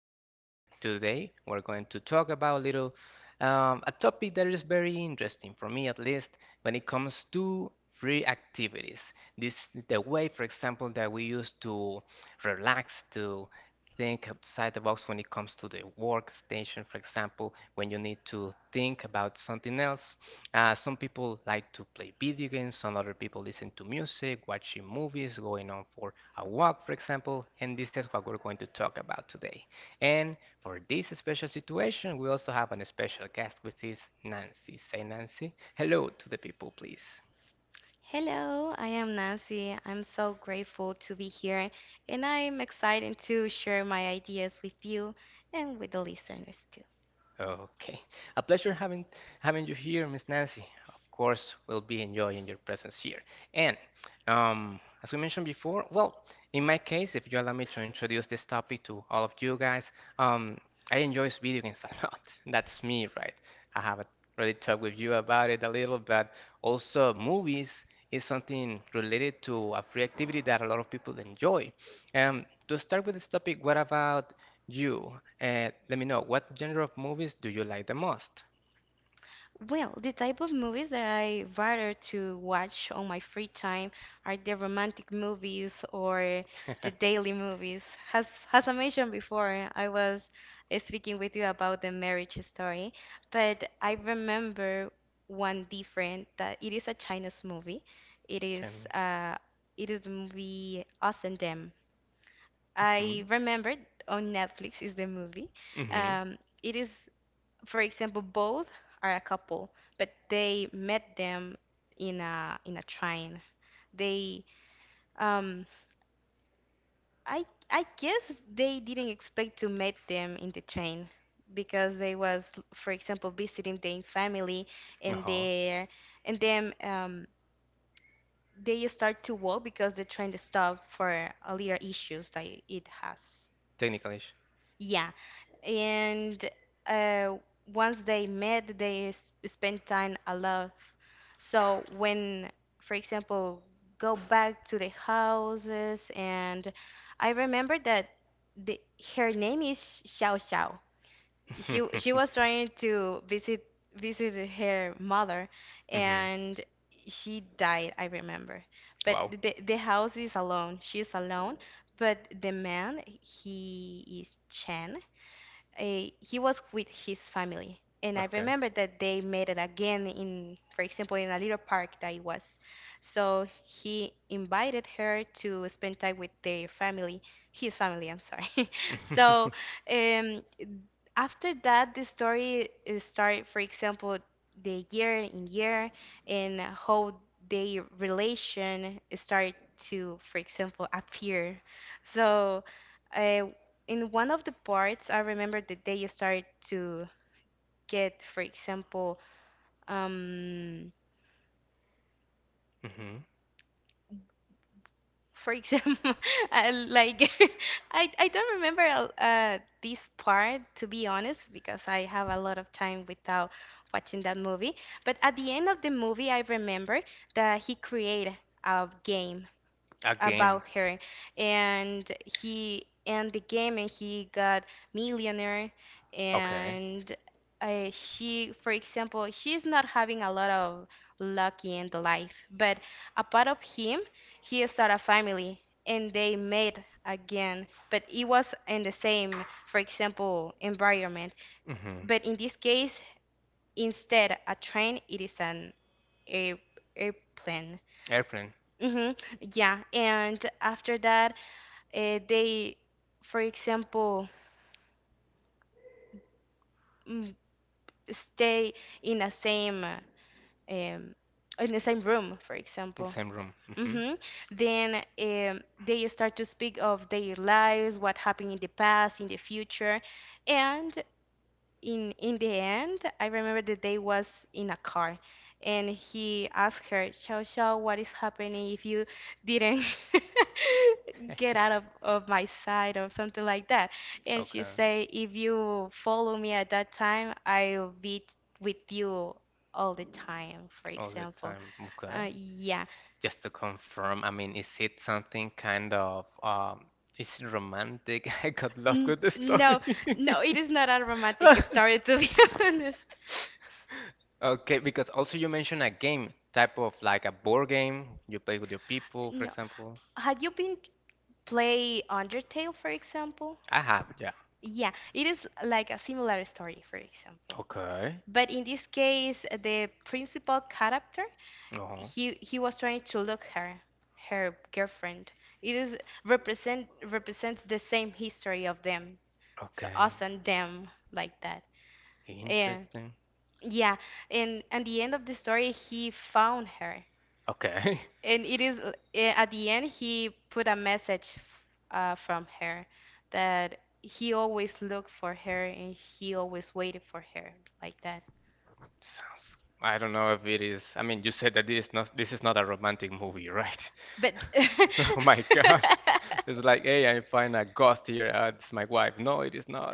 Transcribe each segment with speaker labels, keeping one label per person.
Speaker 1: podcast. Today we're going to talk about a little a topic that is very interesting for me, at least when it comes to free activities. This the way, for example, that we use to relax, to think outside the box when it comes to the workstation, for example, when you need to think about something else. Some people like to play video games, some other people listen to music, watching movies, going on for a walk, for example, and this is what we're going to talk about today. And for this special situation, we also have a special guest, which is Nancy. Say, Nancy, hello to the people, please.
Speaker 2: Hello, I am Nancy. I'm so grateful to be here, and I'm excited to share my ideas with you and with the listeners.
Speaker 1: Okay. A pleasure having you here, Miss Nancy. Of course, we'll be enjoying your presence here. And as we mentioned before, well, in my case, if you allow me to introduce this topic to all of you guys, um, I enjoy video games a lot. That's me, right? I haven't really talked with you about it a little, but also movies is something related to a free activity that a lot of people enjoy. To start with this topic, what about you? Let me know, what genre of movies do you like the most?
Speaker 2: Well, the type of movies that I rather to watch on my free time are the romantic movies or the daily movies. As I mentioned before, I was speaking with you about the marriage story, but I remember one different that it is a Chinese movie. It is
Speaker 1: Sadness.
Speaker 2: uh, it is the movie Us and Them. I
Speaker 1: Mhm.
Speaker 2: remembered on Netflix is the movie.
Speaker 1: Mhm.
Speaker 2: It is, for example, both are a couple, but they met them in a train. They um I guess they didn't expect to meet them in the train because they was, for example, visiting their family and
Speaker 1: Uh-huh.
Speaker 2: there, and then they start to walk because the train stopped for a little issues that it has.
Speaker 1: Technical issue.
Speaker 2: Yeah, and uh, once they met, they spent time alone. So when, for example, go back to the houses, and I remember that the, her name is Xiao Xiao. She was trying to visit her mother,
Speaker 1: Mhm.
Speaker 2: and she died. I remember, but
Speaker 1: Wow.
Speaker 2: the house is alone. She's alone, but the man he is Chen, uh, he was with his family. And I
Speaker 1: Okay.
Speaker 2: remember that they met it again in, for example, in a little park that it was. So he invited her to spend time with their family, his family, I'm sorry. So um, after that the story is start, for example, the year in year and how the relation start to, for example, appear. So uh, in one of the parts I remember that they start to get, for example, um,
Speaker 1: Mhm.
Speaker 2: for example, I, like, I don't remember this part to be honest because I have a lot of time without watching that movie. But at the end of the movie, I remember that he created a game
Speaker 1: A game.
Speaker 2: about her and he and the game and he got millionaire,
Speaker 1: Okay.
Speaker 2: and she, for example, she's not having a lot of luck in the life, but a part of him he started a family and they made again but it was in the same, for example, environment,
Speaker 1: Mhm.
Speaker 2: but in this case instead a train it is an air, airplane.
Speaker 1: Airplane.
Speaker 2: Hmm, yeah, and after that, they, for example, mm, stay in the same uh, um, in the same room, for
Speaker 1: In the
Speaker 2: example.
Speaker 1: same room. Mhm.
Speaker 2: Hmm. Then they start to speak of their lives, what happened in the past, in the future, and in the end, I remember the day was in a car, and he asked her, "Xiao Xiao, what is happening if you didn't get out of my sight or something like that?" And she
Speaker 1: Okay.
Speaker 2: say, "If you follow me at that time, I'll be with you all the time." For
Speaker 1: All the
Speaker 2: example,
Speaker 1: time. Okay.
Speaker 2: yeah,
Speaker 1: Just to confirm, I mean, is it something kind of is it romantic? I got lost
Speaker 2: N
Speaker 1: with the story.
Speaker 2: no, no, it is not a romantic story to be honest.
Speaker 1: Okay, because also you mentioned a game type of like a board game you play with your people, for
Speaker 2: No,
Speaker 1: example.
Speaker 2: had you been play Undertale, for example?
Speaker 1: I have, yeah.
Speaker 2: Yeah, it is like a similar story, for example.
Speaker 1: Okay.
Speaker 2: But in this case, the principal character,
Speaker 1: Uh-huh.
Speaker 2: he was trying to look her, her girlfriend. It is represents the same history of them. So
Speaker 1: Okay.
Speaker 2: us and them like that. And
Speaker 1: Interesting.
Speaker 2: yeah, and at the end of the story, he found her.
Speaker 1: Okay.
Speaker 2: And it is at the end he put a message from her that he always looked for her and he always waited for her like that.
Speaker 1: Sounds. I don't know if it is. I mean, you said that this is not a romantic movie, right?
Speaker 2: But
Speaker 1: Oh my God. It's like, hey, I find a ghost here. It's my wife. No, it is not.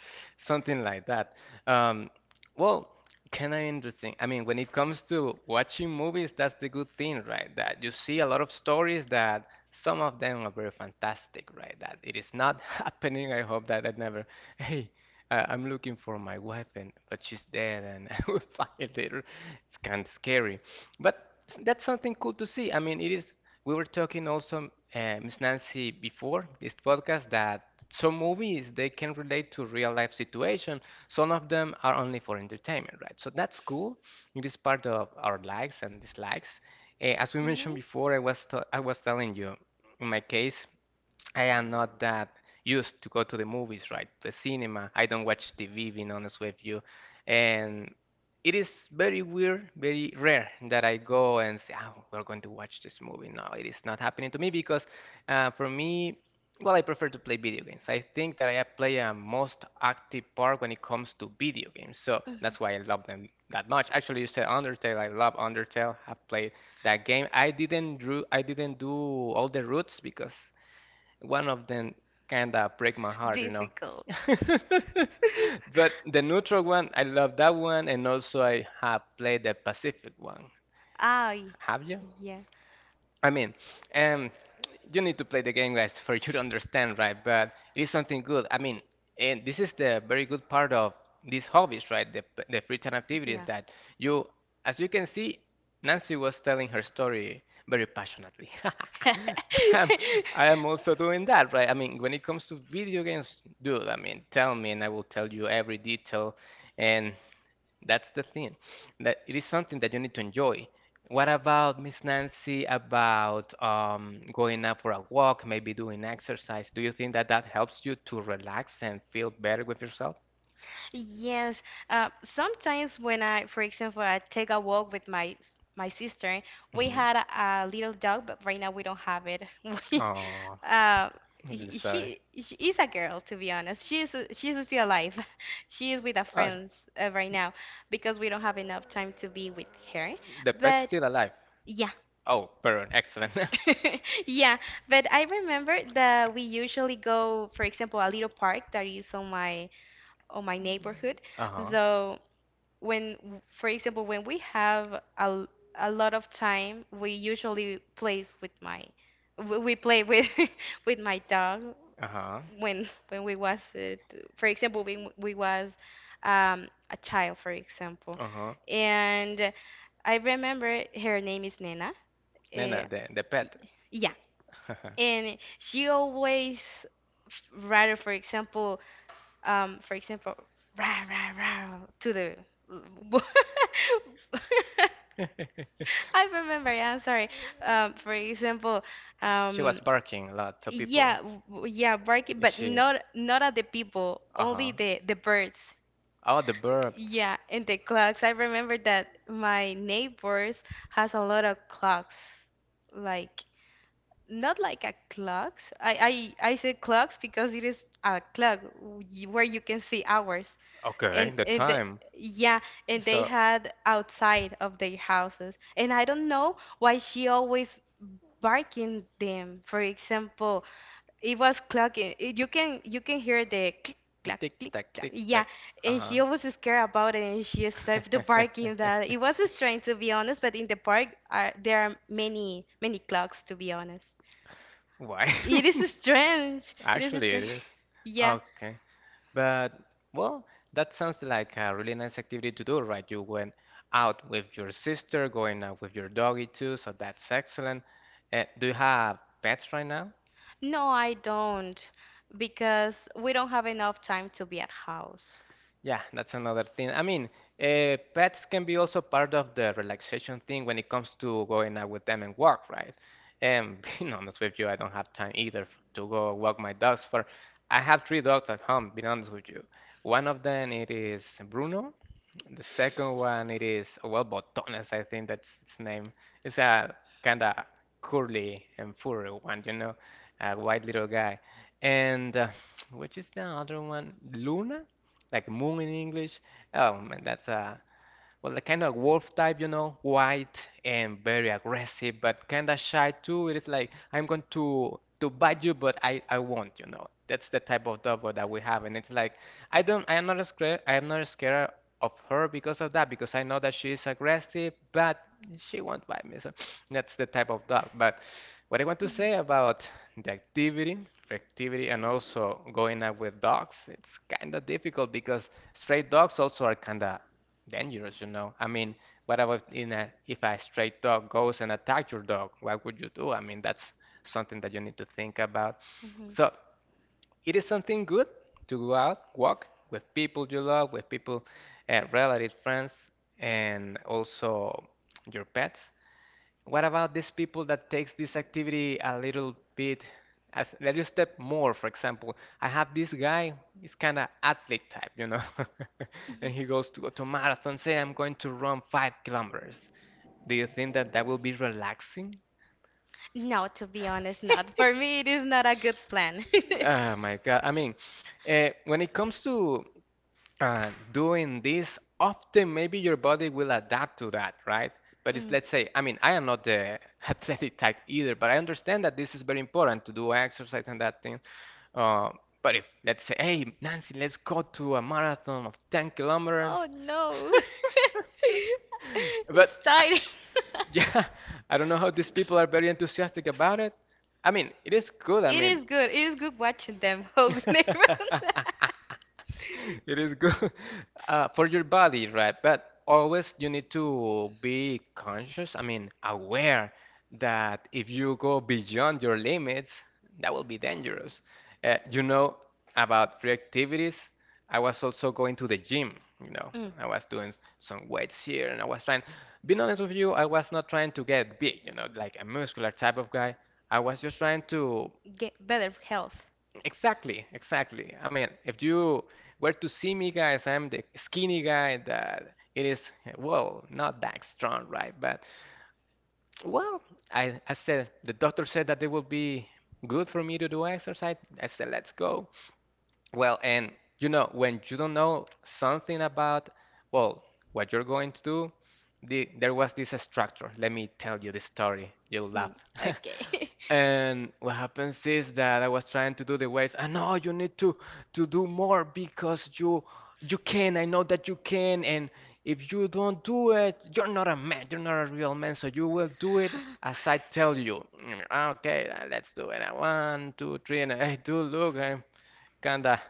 Speaker 1: Something like that. Um, well, kind of interesting. I mean, when it comes to watching movies, that's the good thing, right? That you see a lot of stories that some of them are very fantastic, right? That it is not happening. I hope that that never. Hey, I'm looking for my wife, and but she's dead, and I will find it later. It's kind of scary, but that's something cool to see. I mean, it is. We were talking also, Miss Nancy, before this podcast that some movies they can relate to real life situation. Some of them are only for entertainment, right? So that's cool. It is part of our likes and dislikes. As we mentioned
Speaker 2: Mhm.
Speaker 1: before, I was telling you, in my case. I am not that used to go to the movies, right? The cinema. I don't watch TV, being honest with you. And it is very weird, very rare that I go and say, oh, we're going to watch this movie. No, it is not happening to me because for me, well, I prefer to play video games. I think that I play a most active part when it comes to video games. So
Speaker 2: Mhm.
Speaker 1: that's why I love them that much. Actually, you said Undertale. I love Undertale. I've played that game. I didn't do all the routes because one of them kind of break my heart, you know.
Speaker 2: Difficult.
Speaker 1: But the neutral one, I love that one, and also I have played the Pacific one.
Speaker 2: Ah,
Speaker 1: Have you?
Speaker 2: yeah.
Speaker 1: I mean, um, you need to play the game, guys, for you to understand, right? But it is something good. I mean, and this is the very good part of these hobbies, right? The, the free time activities
Speaker 2: Yeah.
Speaker 1: that you, as you can see, Nancy was telling her story very passionately. Um, I am also doing that, right? I mean, when it comes to video games, dude, I mean, tell me and I will tell you every detail. And that's the thing, that it is something that you need to enjoy. What about Miss Nancy about going out for a walk, maybe doing exercise? Do you think that that helps you to relax and feel better with yourself?
Speaker 2: Yes. Sometimes when I, for example, I take a walk with my sister, we
Speaker 1: Hmm
Speaker 2: had a little dog, but right now we don't have it. We,
Speaker 1: Oh,
Speaker 2: uh,
Speaker 1: I'm really
Speaker 2: y-
Speaker 1: sorry.
Speaker 2: she is a girl, to be honest. She's still alive. She is with her
Speaker 1: Oh,
Speaker 2: friends right now because we don't have enough time to be with her.
Speaker 1: the pet's
Speaker 2: But
Speaker 1: still alive.
Speaker 2: yeah,
Speaker 1: Oh, pardon, excellent.
Speaker 2: yeah, but I remember that we usually go, for example, a little park that is on my neighborhood.
Speaker 1: Uh-huh,
Speaker 2: So when, for example, when we have a, a lot of time, we usually plays with my we play with with my dog
Speaker 1: uh-huh,
Speaker 2: when we was for example when we was a child, for example.
Speaker 1: uh-huh.
Speaker 2: And I remember her name is Nena.
Speaker 1: Nena,
Speaker 2: Uh,
Speaker 1: the pet.
Speaker 2: yeah, and she always rather, for example, um for example rah, rah, rah, to the I remember. Yeah, I'm sorry, for example,
Speaker 1: She
Speaker 2: um
Speaker 1: was barking a lot to people.
Speaker 2: yeah, yeah, barking but
Speaker 1: She.
Speaker 2: not at the people, only
Speaker 1: Uh-huh.
Speaker 2: the birds.
Speaker 1: Oh, the burp.
Speaker 2: Yeah, and the clocks. I remember that my neighbors has a lot of clocks, like not like a clocks. I say clocks because it is a clock where you can see hours.
Speaker 1: Okay,
Speaker 2: And
Speaker 1: the
Speaker 2: and the,
Speaker 1: time.
Speaker 2: yeah, and they
Speaker 1: So,
Speaker 2: had outside of their houses. And I don't know why she always barking them. For example, it was clocking. You can hear the click clack
Speaker 1: tick
Speaker 2: click
Speaker 1: tack,
Speaker 2: clack.
Speaker 1: tick
Speaker 2: Yeah,
Speaker 1: tack.
Speaker 2: and
Speaker 1: Uh-huh.
Speaker 2: she always is scared about it, and she started the barking that it was strange to be honest. But in the park, are there are many clocks to be honest.
Speaker 1: Why?
Speaker 2: It is strange. It is
Speaker 1: Actually, it
Speaker 2: strange.
Speaker 1: is.
Speaker 2: Yeah.
Speaker 1: Okay. But, well, that sounds like a really nice activity to do, right? You went out with your sister, going out with your doggy too, so that's excellent. Do you have pets right now?
Speaker 2: No, I don't because we don't have enough time to be at house.
Speaker 1: Yeah, that's another thing. I mean, pets can be also part of the relaxation thing when it comes to going out with them and walk, right? And being honest with you, I don't have time either to go walk my dogs for. I have three dogs at home, being honest with you. One of them it is Bruno, and the second one it is well botones, I think that's its name. It's a kind of curly and furry one, you know, a white little guy. And which is the other one? Luna, like moon in English. Oh man, that's a well, the kind of wolf type, you know, white and very aggressive, but kind of shy too. It is like I'm going to bite you, but I won't, you know. That's the type of dog that we have, and it's like I don't I am not scared of her because of that because I know that she is aggressive, but she won't bite me. So that's the type of dog. But what I want to say about the activity, for activity, and also going out with dogs, it's kind of difficult because stray dogs also are kind of dangerous, you know. I mean, what about in a, if a stray dog goes and attacks your dog? What would you do? I mean, that's something that you need to think about.
Speaker 2: Mhm.
Speaker 1: So it is something good to go out, walk with people you love, with people, relatives, friends, and also your pets. What about these people that takes this activity a little bit as a little step more? For example, I have this guy, he's kind of athlete type, you know, and he goes to marathon. Say I'm going to run 5 kilometers. Do you think that that will be relaxing?
Speaker 2: No, to be honest, not. For me, it is not a good plan.
Speaker 1: Oh my God. I mean, when it comes to doing this, often maybe your body will adapt to that, right? But it's
Speaker 2: Mm.
Speaker 1: let's say, I mean, I am not the athletic type either, but I understand that this is very important to do exercise and that thing. Uh, but if let's say, hey, Nancy, let's go to a marathon of 10 kilometers.
Speaker 2: Oh no.
Speaker 1: But
Speaker 2: It's
Speaker 1: I-
Speaker 2: tiring.
Speaker 1: yeah, I don't know how these people are very enthusiastic about it. I mean, it is good. I
Speaker 2: It
Speaker 1: mean,
Speaker 2: is good. It is good watching them hug neighbor.
Speaker 1: it is good for your body, right? But always you need to be conscious, I mean, aware that if you go beyond your limits, that will be dangerous. You know, about free activities, I was also going to the gym, you know,
Speaker 2: Mm,
Speaker 1: I was doing some weights here and I was trying, being honest with you, I was not trying to get big, you know, like a muscular type of guy. I was just trying to
Speaker 2: get better health.
Speaker 1: exactly, exactly. I mean, if you were to see me, guys, I'm the skinny guy that it is, well, not that strong, right? But, well, I said, the doctor said that it will be good for me to do exercise. I said, let's go. Well, and you know, when you don't know something about, well, what you're going to do, there was this structure. Let me tell you the story. You'll laugh.
Speaker 2: Hmm. Okay.
Speaker 1: And what happens is that I was trying to do the weights. I know you need to do more because you can. I know that you can. And if you don't do it, you're not a man. You're not a real man. So you will do it as I tell you. Mm, okay, let's do it. One, two, three, and I do look. I'm kinda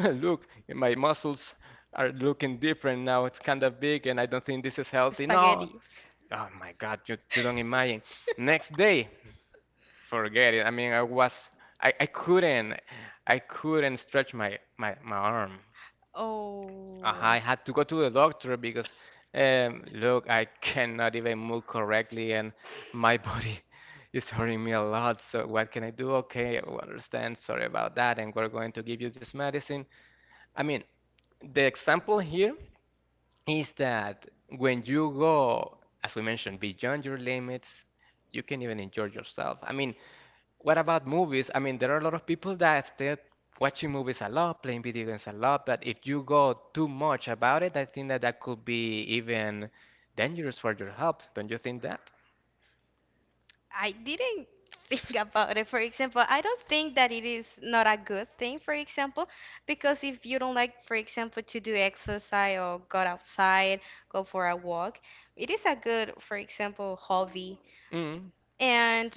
Speaker 1: look. My muscles are looking different now. It's kinda big, and I don't think this is healthy. No.
Speaker 2: Spaghetti.
Speaker 1: Oh my God, you don't imagine. Next day. Forget it. I mean, I was, I, I couldn't, I couldn't stretch my arm. Uh,
Speaker 2: Oh,
Speaker 1: I had to go to the doctor because, look, I cannot even move correctly and my body is hurting me a lot. So what can I do? Okay, I understand. Sorry about that. And we're going to give you this medicine. I mean, the example here is that when you go, as we mentioned, beyond your limits, you can even injure yourself. I mean, what about movies? I mean, there are a lot of people that stay watching movies a lot, playing video games a lot, but if you go too much about it, I think that could be even dangerous for your health. Don't you think that?
Speaker 2: I didn't think about it. For example, I don't think that it is not a good thing, for example, because if you don't like, for example, to do exercise or go outside, go for a walk, it is a good, for example, hobby.
Speaker 1: Mm.
Speaker 2: And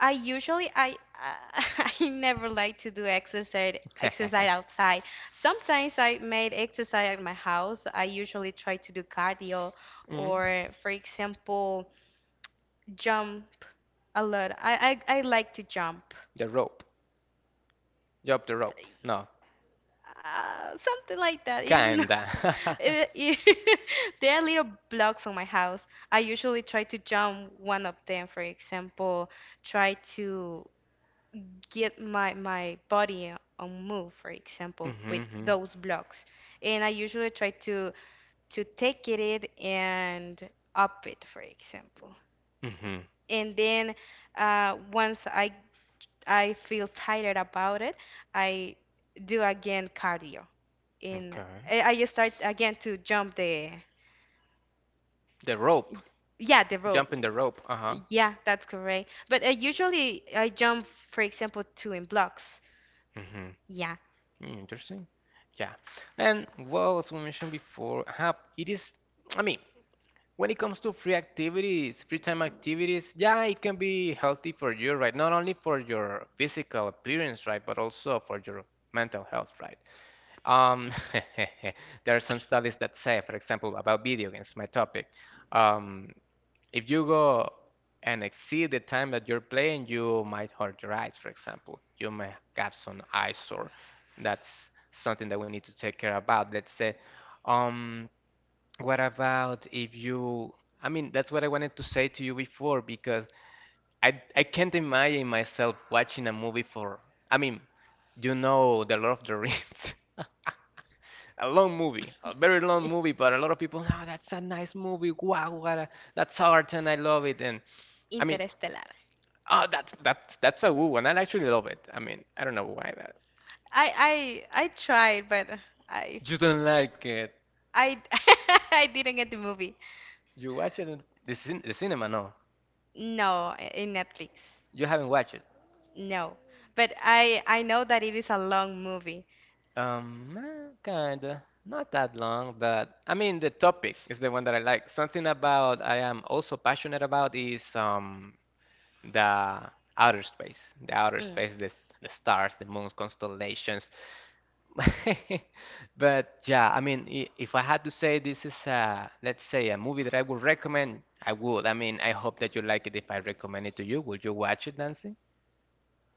Speaker 2: I usually I I never like to do exercise outside. Sometimes I made exercise at my house. I usually try to do cardio
Speaker 1: Mm.
Speaker 2: or, for example, jump a lot. I like to jump.
Speaker 1: The rope. Drop the rope. No.
Speaker 2: Something like that. It's not
Speaker 1: Kinda.
Speaker 2: it, it- there are little blocks on my house. I usually try to jump one of them, for example, try to get my body on move, for example, with
Speaker 1: Mm-hmm.
Speaker 2: those blocks. And I usually try to take it and up it, for example,
Speaker 1: Mm-hmm.
Speaker 2: and then once I feel tired about it, I do again cardio. In
Speaker 1: Okay.
Speaker 2: I just start again to jump the,
Speaker 1: The rope.
Speaker 2: yeah, the rope.
Speaker 1: Jumping the rope. Uh-huh.
Speaker 2: Yeah, that's correct. But usually I jump, for example, two in blocks.
Speaker 1: Hmm.
Speaker 2: Yeah.
Speaker 1: Mm, interesting. Yeah. And well, as we mentioned before, hub, it is, I mean, when it comes to free activities, free time activities, yeah, it can be healthy for you, right? Not only for your physical appearance, right, but also for your mental health, right? Um, there are some studies that say, for example, about video games, my topic. Um, if you go and exceed the time that you're playing, you might hurt your eyes, for example. You may have some eye sore. That's something that we need to take care about. Let's say, um, what about if you? I mean, that's what I wanted to say to you before because I can't imagine myself watching a movie for. I mean, you know, The Lord of the Rings. A long movie, a very long movie, but a lot of people, no, that's a nice movie. Wow, what a, that's art, and I love it. And I mean,
Speaker 2: Interstellar.
Speaker 1: oh, that's a good one. I actually love it. I mean, I don't know why that.
Speaker 2: I tried, but I
Speaker 1: You don't like it.
Speaker 2: I I didn't get the movie.
Speaker 1: You watch it in the cin the cinema, no.
Speaker 2: No, in Netflix.
Speaker 1: You haven't watched it.
Speaker 2: No, but I know that it is a long movie.
Speaker 1: Kinda. Not that long, but I mean, the topic is the one that I like. Something about I am also passionate about is the outer space, the outer
Speaker 2: Mm.
Speaker 1: space, the stars, the moons, constellations. But yeah, I mean, if I had to say this is a, let's say a movie that I would recommend, I would. I mean, I hope that you like it if I recommend it to you. Would you watch it, Nancy?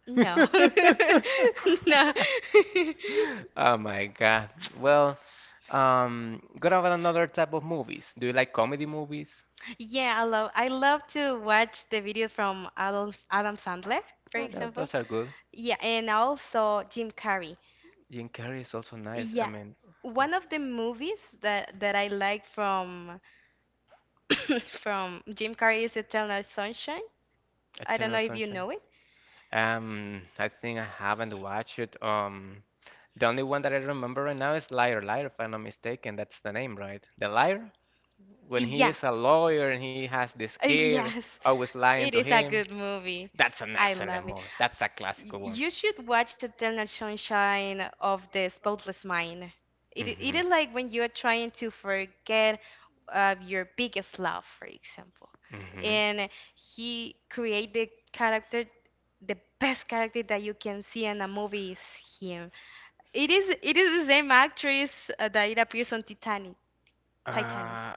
Speaker 2: No. No.
Speaker 1: Oh my God. Well, what about another type of movies? Do you like comedy movies?
Speaker 2: Yeah, I love to watch the video from Adam Sandler, for
Speaker 1: Yeah,
Speaker 2: example.
Speaker 1: those are good.
Speaker 2: Yeah, and also Jim Carrey.
Speaker 1: Jim Carrey is also nice. I
Speaker 2: Yeah,
Speaker 1: mean,
Speaker 2: one of the movies that I like from from Jim Carrey is Eternal Sunshine. I don't
Speaker 1: Eternal
Speaker 2: know if you
Speaker 1: Sunshine.
Speaker 2: know it.
Speaker 1: I think I haven't watched it. The only one that I remember right now is Liar Liar, if I'm not mistaken. That's the name, right? The liar, when he
Speaker 2: Yeah,
Speaker 1: is a lawyer and he has this kid
Speaker 2: yes,
Speaker 1: always lying
Speaker 2: it
Speaker 1: to
Speaker 2: is a
Speaker 1: him.
Speaker 2: good movie.
Speaker 1: That's an
Speaker 2: I
Speaker 1: excellent
Speaker 2: love it.
Speaker 1: movie. That's a classical one.
Speaker 2: You should watch Eternal Sunshine of the Spotless Mind. It
Speaker 1: Hmm.
Speaker 2: is like when you are trying to forget your biggest love, for example.
Speaker 1: Hmm.
Speaker 2: And he created character, the best character that you can see in a movie is him. It is the same actress that it appears on Titanic. Titanic.
Speaker 1: Uh,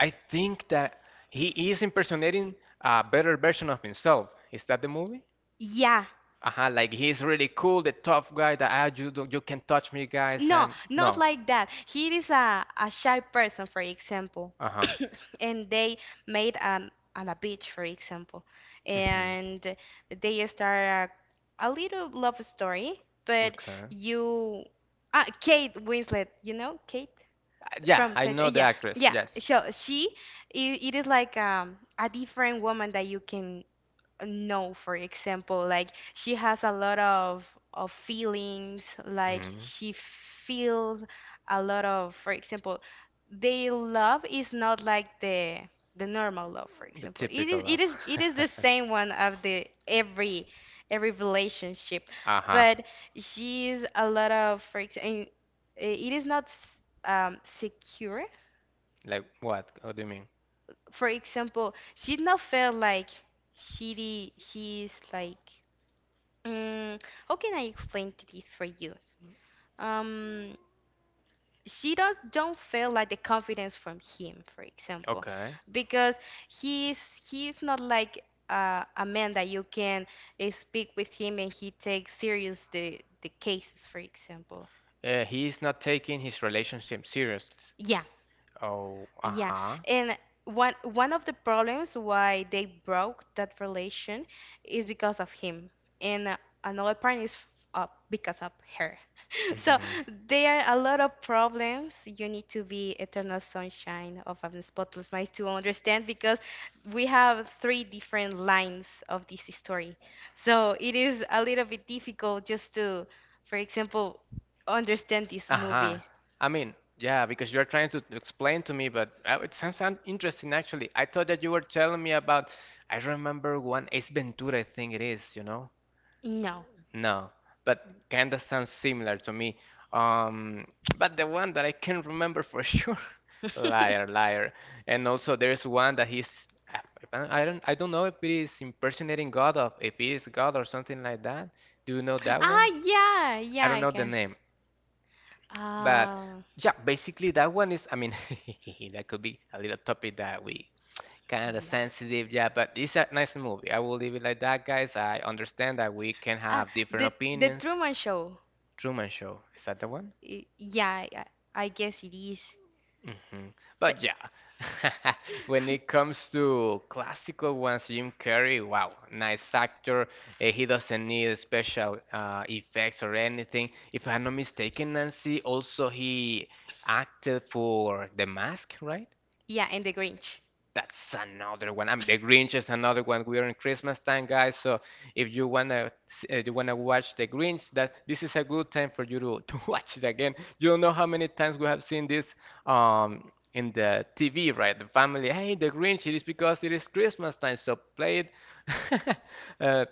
Speaker 1: I think that he is impersonating a better version of himself. Is that the movie?
Speaker 2: Yeah,
Speaker 1: Uh-huh, like he's really cool, the tough guy that ah, you don't, you can touch me, guys.
Speaker 2: no,
Speaker 1: I'm
Speaker 2: not
Speaker 1: no.
Speaker 2: like that. He is a shy person, for example.
Speaker 1: Uh-huh.
Speaker 2: And they made an on a beach, for example,
Speaker 1: Hmm.
Speaker 2: and they start a little love story, but
Speaker 1: Okay.
Speaker 2: you, ah, Kate Winslet, you know Kate
Speaker 1: Yeah,
Speaker 2: from
Speaker 1: I know
Speaker 2: Titan,
Speaker 1: the
Speaker 2: yeah,
Speaker 1: actress.
Speaker 2: yeah.
Speaker 1: Yes.
Speaker 2: So she, it is like a different woman that you can no, for example, like she has a lot of feelings, like
Speaker 1: Hmm.
Speaker 2: she feels a lot of, for example, their love is not like the normal love, for
Speaker 1: The
Speaker 2: example,
Speaker 1: typical of.
Speaker 2: it is the same one of the every relationship,
Speaker 1: Uh-huh.
Speaker 2: but she's a lot of, for example, it is not secure,
Speaker 1: Like what? What do you mean?
Speaker 2: for example, she not feel like she is like. Mm, how can I explain this for you? Um, she does don't feel like the confidence from him, for example,
Speaker 1: Okay.
Speaker 2: because he's he's not like a man that you can speak with him and he takes serious the cases, for example.
Speaker 1: He is not taking his relationship serious.
Speaker 2: Yeah,
Speaker 1: Oh,
Speaker 2: yeah.
Speaker 1: uh-huh.
Speaker 2: And one of the problems why they broke that relation is because of him, and another part is because of her. So
Speaker 1: Hmm.
Speaker 2: there are a lot of problems. You need to be eternal sunshine of a spotless mind to understand because we have three different lines of this story. So it is a little bit difficult just to, for example, understand this
Speaker 1: Uh-huh.
Speaker 2: movie.
Speaker 1: I mean, yeah, because you're trying to explain to me, but it sounds interesting actually. I thought that you were telling me about, I remember one Ace Ventura, I think it is, you know?
Speaker 2: No.
Speaker 1: No, but kinda sounds similar to me. Um, but the one that I can remember for sure, liar, liar. And also there's one that he's, I don't know if it is impersonating God or if it is God or something like that. Do you know that
Speaker 2: Ah,
Speaker 1: one?
Speaker 2: yeah,
Speaker 1: I
Speaker 2: yeah,
Speaker 1: don't
Speaker 2: I
Speaker 1: know the
Speaker 2: can.
Speaker 1: name, but
Speaker 2: Ah,
Speaker 1: yeah, basically that one is. I mean, that could be a little topic that we kind of
Speaker 2: yeah.
Speaker 1: sensitive, yeah. But it's a nice movie. I will leave it like that, guys. I understand that we can
Speaker 2: Ah,
Speaker 1: have different
Speaker 2: the the
Speaker 1: opinions.
Speaker 2: Truman Show.
Speaker 1: Truman Show. Is that the one?
Speaker 2: Yeah, I guess it is.
Speaker 1: Hmm.
Speaker 2: But
Speaker 1: But yeah, when it comes to classical ones, Jim Carrey, wow, nice actor. He doesn't need special effects or anything. If I'm not mistaken, Nancy, also he acted for The Mask, right?
Speaker 2: yeah, and the Grinch.
Speaker 1: That's another one. I mean, The Grinch is another one. We are in Christmas time, guys. So if you wanna you wanna watch The Grinch, that this is a good time for you to to watch it again. You don't know how many times we have seen this in the TV, right? The family, hey, The Grinch. It is because it is Christmas time, so play it. uh,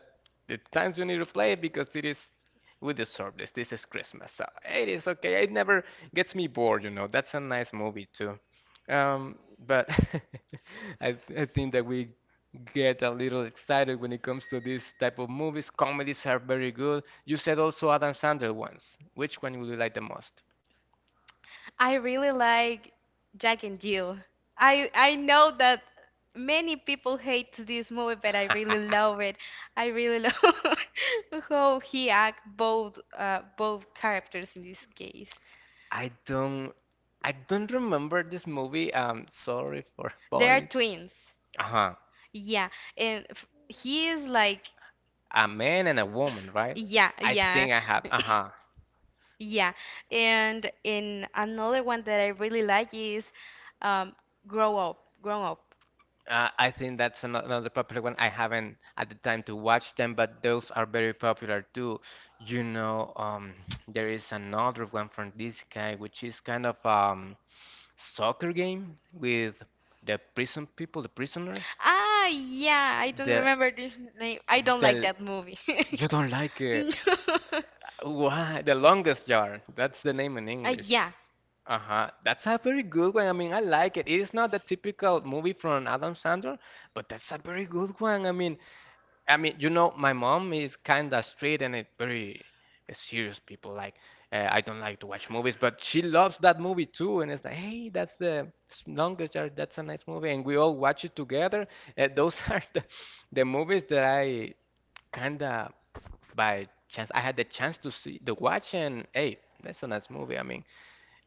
Speaker 1: the times you need to play it because it is we deserve this. This is Christmas, so it is okay. It never gets me bored, you know. That's a nice movie too. Um, but I, I think that we get a little excited when it comes to this type of movies. Comedies are very good. You said also Adam Sandler ones. Which one would you like the most?
Speaker 2: I really like Jack and Jill. I know that many people hate this movie, but I really love it. I really love how he act both both characters in this case.
Speaker 1: I don't I don't remember this movie. Sorry for
Speaker 2: They are
Speaker 1: boring.
Speaker 2: twins.
Speaker 1: Uh-huh.
Speaker 2: Yeah, and f he is like
Speaker 1: A man and a woman, right?
Speaker 2: yeah,
Speaker 1: I
Speaker 2: yeah.
Speaker 1: think I have. Uh-huh.
Speaker 2: Yeah, and in another one that I really like is um, Grow Up, Grown Up.
Speaker 1: I think that's another popular one. I haven't at the time to watch them, but those are very popular too. You know, there is another one from this guy, which is kind of soccer game with the prison people, the prisoners.
Speaker 2: Ah, yeah, I don't
Speaker 1: The
Speaker 2: remember the name. I don't like
Speaker 1: the
Speaker 2: that movie.
Speaker 1: you don't like
Speaker 2: No.
Speaker 1: it. Why? The longest yard. That's the name in English.
Speaker 2: Yeah.
Speaker 1: Uh-huh. That's a very good one. I mean, I like it. It is not the typical movie from Adam Sandler, but that's a very good one. I mean, you know, my mom is kind of straight and a very serious people. Like, I don't like to watch movies, but she loves that movie too. And it's like, hey, that's the longest yard. That's a nice movie, and we all watch it together. Those are the movies that I kind of by chance I had the chance to see, to watch, and hey, that's a nice movie. I mean.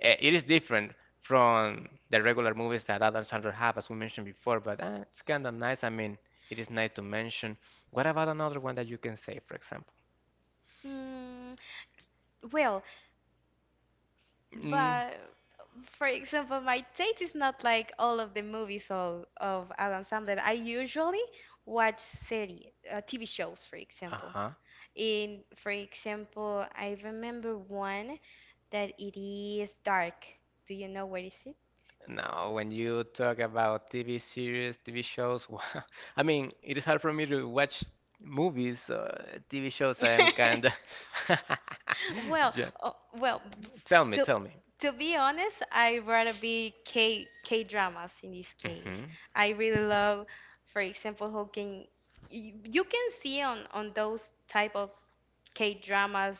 Speaker 1: It is different from the regular movies that Adam Sandler have, as we mentioned before, but it's kind of nice. I mean, it is nice to mention. What about another one that you can say, for example?
Speaker 2: Mm, well,
Speaker 1: Mm,
Speaker 2: but for example, my taste is not like all of the movies all of Adam Sandler. I usually watch series, TV shows, for example.
Speaker 1: uh-huh.
Speaker 2: In, for example, I remember one that it is dark. Do you know what is
Speaker 1: Now, when you talk about TV series, TV shows, I mean, it is hard for me to watch movies, TV shows. I am
Speaker 2: it?
Speaker 1: kind of.
Speaker 2: Well,
Speaker 1: Yeah.
Speaker 2: oh, well,
Speaker 1: Tell me,
Speaker 2: to
Speaker 1: tell me.
Speaker 2: to be honest, I rather be K dramas in this case.
Speaker 1: Mm-hmm.
Speaker 2: I really love, for example, who can you, you can see on those type of K dramas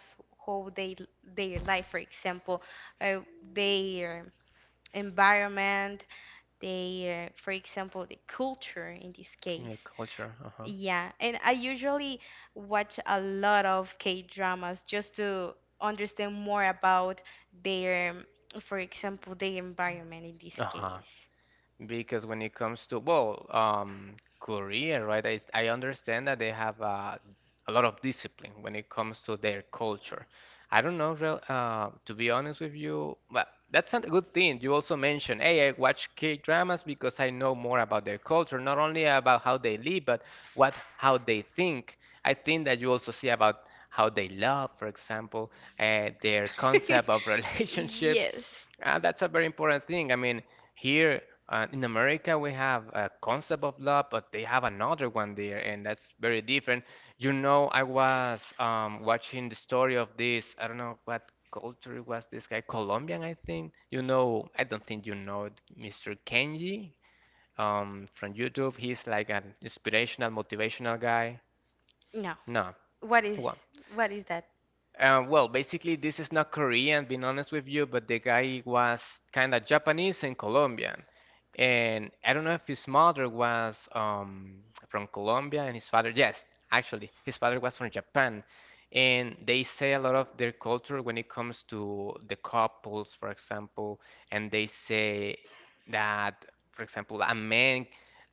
Speaker 2: how they their life, for example, uh, their environment, their, for example, the culture in this
Speaker 1: Yeah,
Speaker 2: case.
Speaker 1: culture. Uh-huh.
Speaker 2: Yeah, and I usually watch a lot of K-dramas just to understand more about their, for example, their environment in this
Speaker 1: Uh-huh.
Speaker 2: case.
Speaker 1: Because when it comes to, well, Korea, right? I understand that they have a lot of discipline when it comes to their culture. I don't know, real, to be honest with you, but that's not a good thing. You also mentioned, hey, I watch K-dramas because I know more about their culture, not only about how they live, but what how they think. I think that you also see about how they love, for example, their concept of relationships.
Speaker 2: Yes.
Speaker 1: That's a very important thing. I mean, here in America, we have a concept of love, but they have another one there, and that's very different. You know, I was watching the story of this, I don't know what culture was this guy, Colombian, I think. You know, I don't think you know it, Mr. Kenji from YouTube. He's like an inspirational, motivational guy.
Speaker 2: No.
Speaker 1: No.
Speaker 2: What is
Speaker 1: Well,
Speaker 2: what is that?
Speaker 1: well, basically, this is not Korean, being honest with you, but the guy was kind of Japanese and Colombian. And I don't know if his mother was from Colombia and his father, yes, actually, his father was from Japan. And they say a lot of their culture when it comes to the couples, for example, and they say that, for example,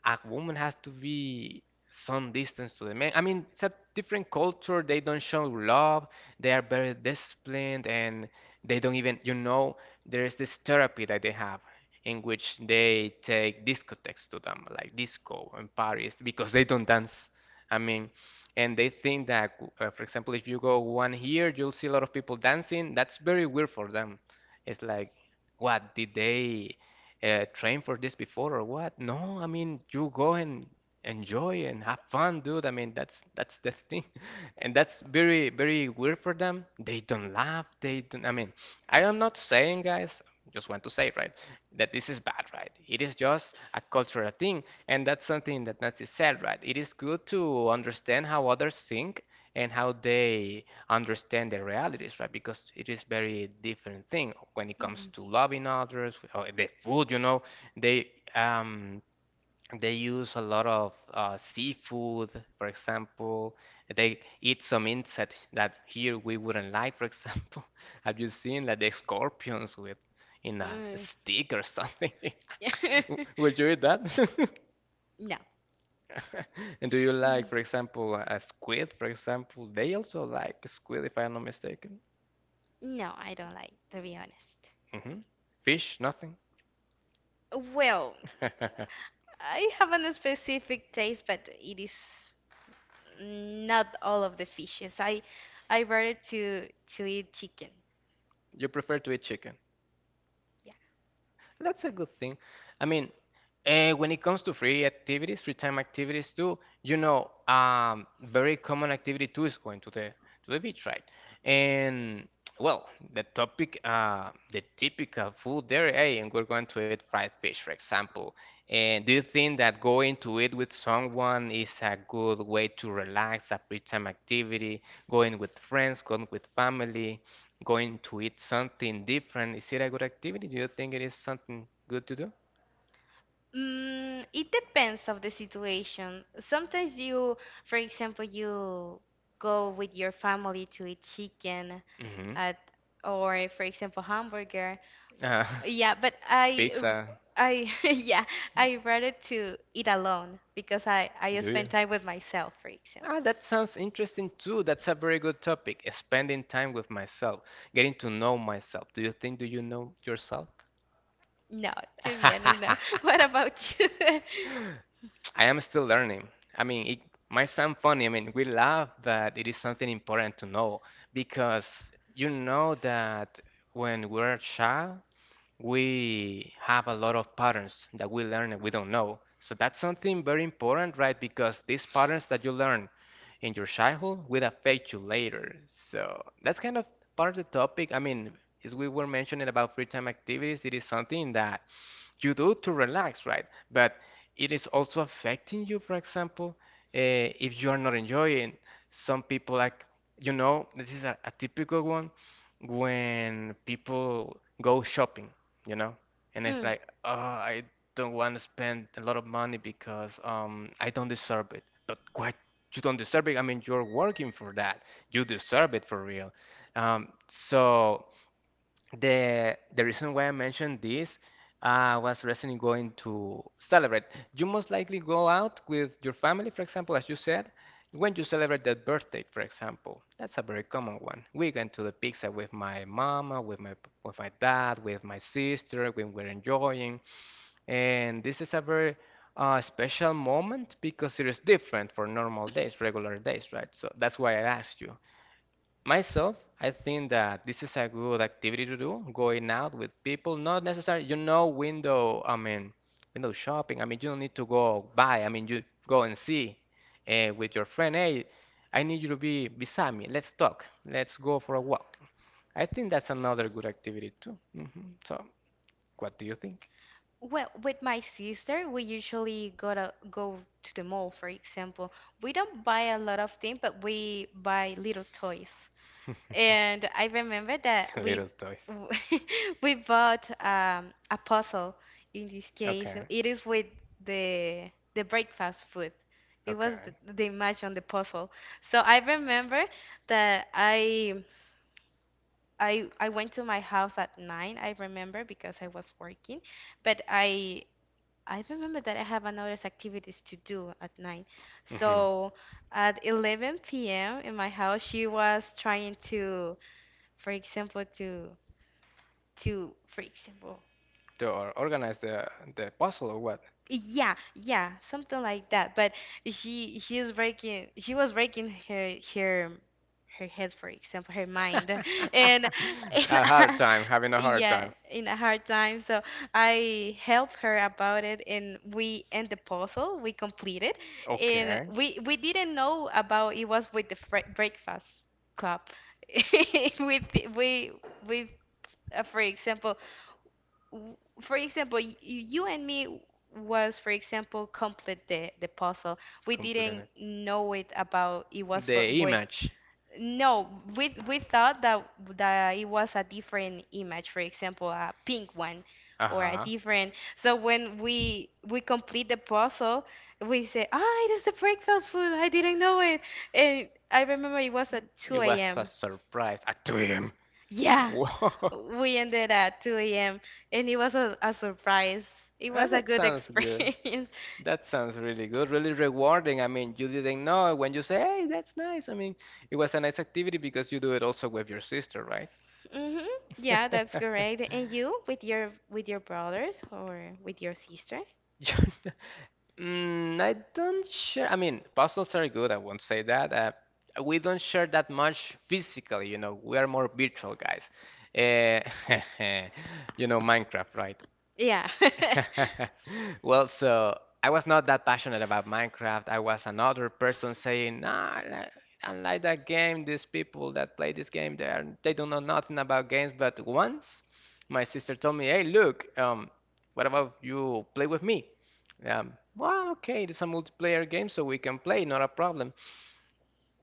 Speaker 1: a woman has to be some distance to the man. I mean, it's a different culture. They don't show love they are very disciplined and they don't even, you know, there is this therapy that they have in which they take discotheques to them, like disco in Paris, because they don't dance. I mean, and they think that, for example, if you go one here, you'll see a lot of people dancing. That's very weird for them. It's like, what, did they train for this before or what? No, I mean, you go and enjoy and have fun, dude. I mean, that's the thing, and that's very weird for them. They don't laugh. They don't. I mean, I am not saying, guys. Just want to say, right, that this is bad, right? It is just a cultural thing, and that's something that Nancy said, right? It is good to understand how others think and how they understand their realities, right? Because it is very different thing when it comes
Speaker 2: Mhm.
Speaker 1: to loving others, or the food, they um they use a lot of seafood, for example. They eat some insects that here we wouldn't like, for example. Have you seen like the scorpions with in a stick or something?
Speaker 2: Mm.
Speaker 1: Would you eat that?
Speaker 2: No.
Speaker 1: And do you
Speaker 2: Mm,
Speaker 1: like, for example, a squid, for example? They also like squid, if I'm not mistaken.
Speaker 2: No, I don't like, to be honest.
Speaker 1: hmm Fish, nothing.
Speaker 2: Well, I haven't a specific taste, but it is not all of the fishes. I rather to eat chicken.
Speaker 1: You prefer to eat chicken.
Speaker 2: Yeah.
Speaker 1: That's a good thing. I mean, when it comes to free activities, free time activities too, very common activity too is going to the beach, right? And well, the topic, the typical food there, hey, and we're going to eat fried fish, for example. And do you think that going to eat with someone is a good way to relax, a free time activity? Going with friends, going with family, going to eat something different, is it a good activity? Do you think it is something good to do?
Speaker 2: It depends of the situation. Sometimes you, for example, you go with your family to eat chicken
Speaker 1: Mm-hmm.
Speaker 2: at, or for example, hamburger,
Speaker 1: Uh,
Speaker 2: yeah, but I,
Speaker 1: pizza,
Speaker 2: I yeah, I rather to eat alone because I
Speaker 1: do you?
Speaker 2: spend time with myself, for example.
Speaker 1: Ah, that sounds interesting too. That's a very good topic. Spending time with myself, getting to know myself. Do you think do you know yourself?
Speaker 2: No, to be honest, no. What about you?
Speaker 1: I am still learning. I mean, it might sound funny. I mean, we laugh, but it is something important to know because you know that when we're a child, we have a lot of patterns that we learn and we don't know. So that's something very important, right? Because these patterns that you learn in your childhood will affect you later. So that's kind of part of the topic. I mean, as we were mentioning about free time activities, it is something that you do to relax, right? But it is also affecting you, for example, if you are not enjoying. Some people like, you know, this is a typical one when people go shopping you know? And it's
Speaker 2: Mm.
Speaker 1: like, oh, I don't want to spend a lot of money because I don't deserve it. But what? You don't deserve it. I mean, you're working for that. You deserve it for real. So the reason why I mentioned this was recently going to celebrate. You most likely go out with your family, for example, as you said, when you celebrate that birthday, for example. That's a very common one. We went to the pizza with my mama, with my dad, with my sister, when we're enjoying. And this is a very special moment because it is different for normal days, regular days, right? So that's why I asked you. Myself, I think that this is a good activity to do, going out with people, not necessarily, you know, window, I mean, window shopping. I mean, you don't need to go buy. I mean, you go and see with your friend, hey, I need you to be beside me. Let's talk. Let's go for a walk. I think that's another good activity too. So, what do you think?
Speaker 2: Well, with my sister, we usually go to the mall, for example. We don't buy a lot of things, but we buy little toys. And I remember that we
Speaker 1: Little toys.
Speaker 2: we bought a puzzle. In this case,
Speaker 1: Okay,
Speaker 2: it is with the breakfast food. It was
Speaker 1: okay.
Speaker 2: the match on the puzzle. So I remember that I went to my house at 9. I remember because I was working, but I remember that I have another activities to do at 9.
Speaker 1: hmm
Speaker 2: So at 11 p.m. in my house, she was trying to, for example, to, for example,
Speaker 1: To organize the puzzle or what?
Speaker 2: yeah, yeah, something like that, but she is breaking, she was breaking her head, for example, her mind. and and
Speaker 1: A hard time, having a hard
Speaker 2: yeah,
Speaker 1: time.
Speaker 2: in a hard time, so I helped her about it, and we end the puzzle, we completed, and
Speaker 1: Okay,
Speaker 2: we didn't know about it was with the breakfast club. With we with for example, for example, you and me was, for example, complete the puzzle. We
Speaker 1: completing
Speaker 2: didn't
Speaker 1: it.
Speaker 2: know it about it was for
Speaker 1: The
Speaker 2: with
Speaker 1: image.
Speaker 2: no, we thought that it was a different image, for example, a pink one or a
Speaker 1: Uh-huh.
Speaker 2: different. So when we complete the puzzle, we say, "Ah, it is the breakfast food. I didn't know it." And I remember it was at
Speaker 1: It
Speaker 2: 2
Speaker 1: was a
Speaker 2: a.m.
Speaker 1: surprise. A twin.
Speaker 2: Yeah,
Speaker 1: Whoa.
Speaker 2: we ended at 2 a.m. and it was a surprise. It
Speaker 1: Ah,
Speaker 2: was a
Speaker 1: that
Speaker 2: good
Speaker 1: sounds good.
Speaker 2: experience.
Speaker 1: That sounds really good, really rewarding. I mean, you didn't know when you say, "Hey, that's nice." I mean, it was a nice activity because you do it also with your sister, right?
Speaker 2: Hmm. Yeah, that's correct. And you with your brothers or with your sister?
Speaker 1: Mm, I don't share. I mean, puzzles are good, I won't say that. We don't share that much physically, you know. We are more virtual guys. Eh, you know, Minecraft, right?
Speaker 2: Yeah.
Speaker 1: Well, so I was not that passionate about Minecraft. I was another person saying, nah, I don't like that game. These people that play this game, they don't know nothing about games. But once my sister told me, hey, look, what about you play with me? Well, okay, it's a multiplayer game, so we can play, not a problem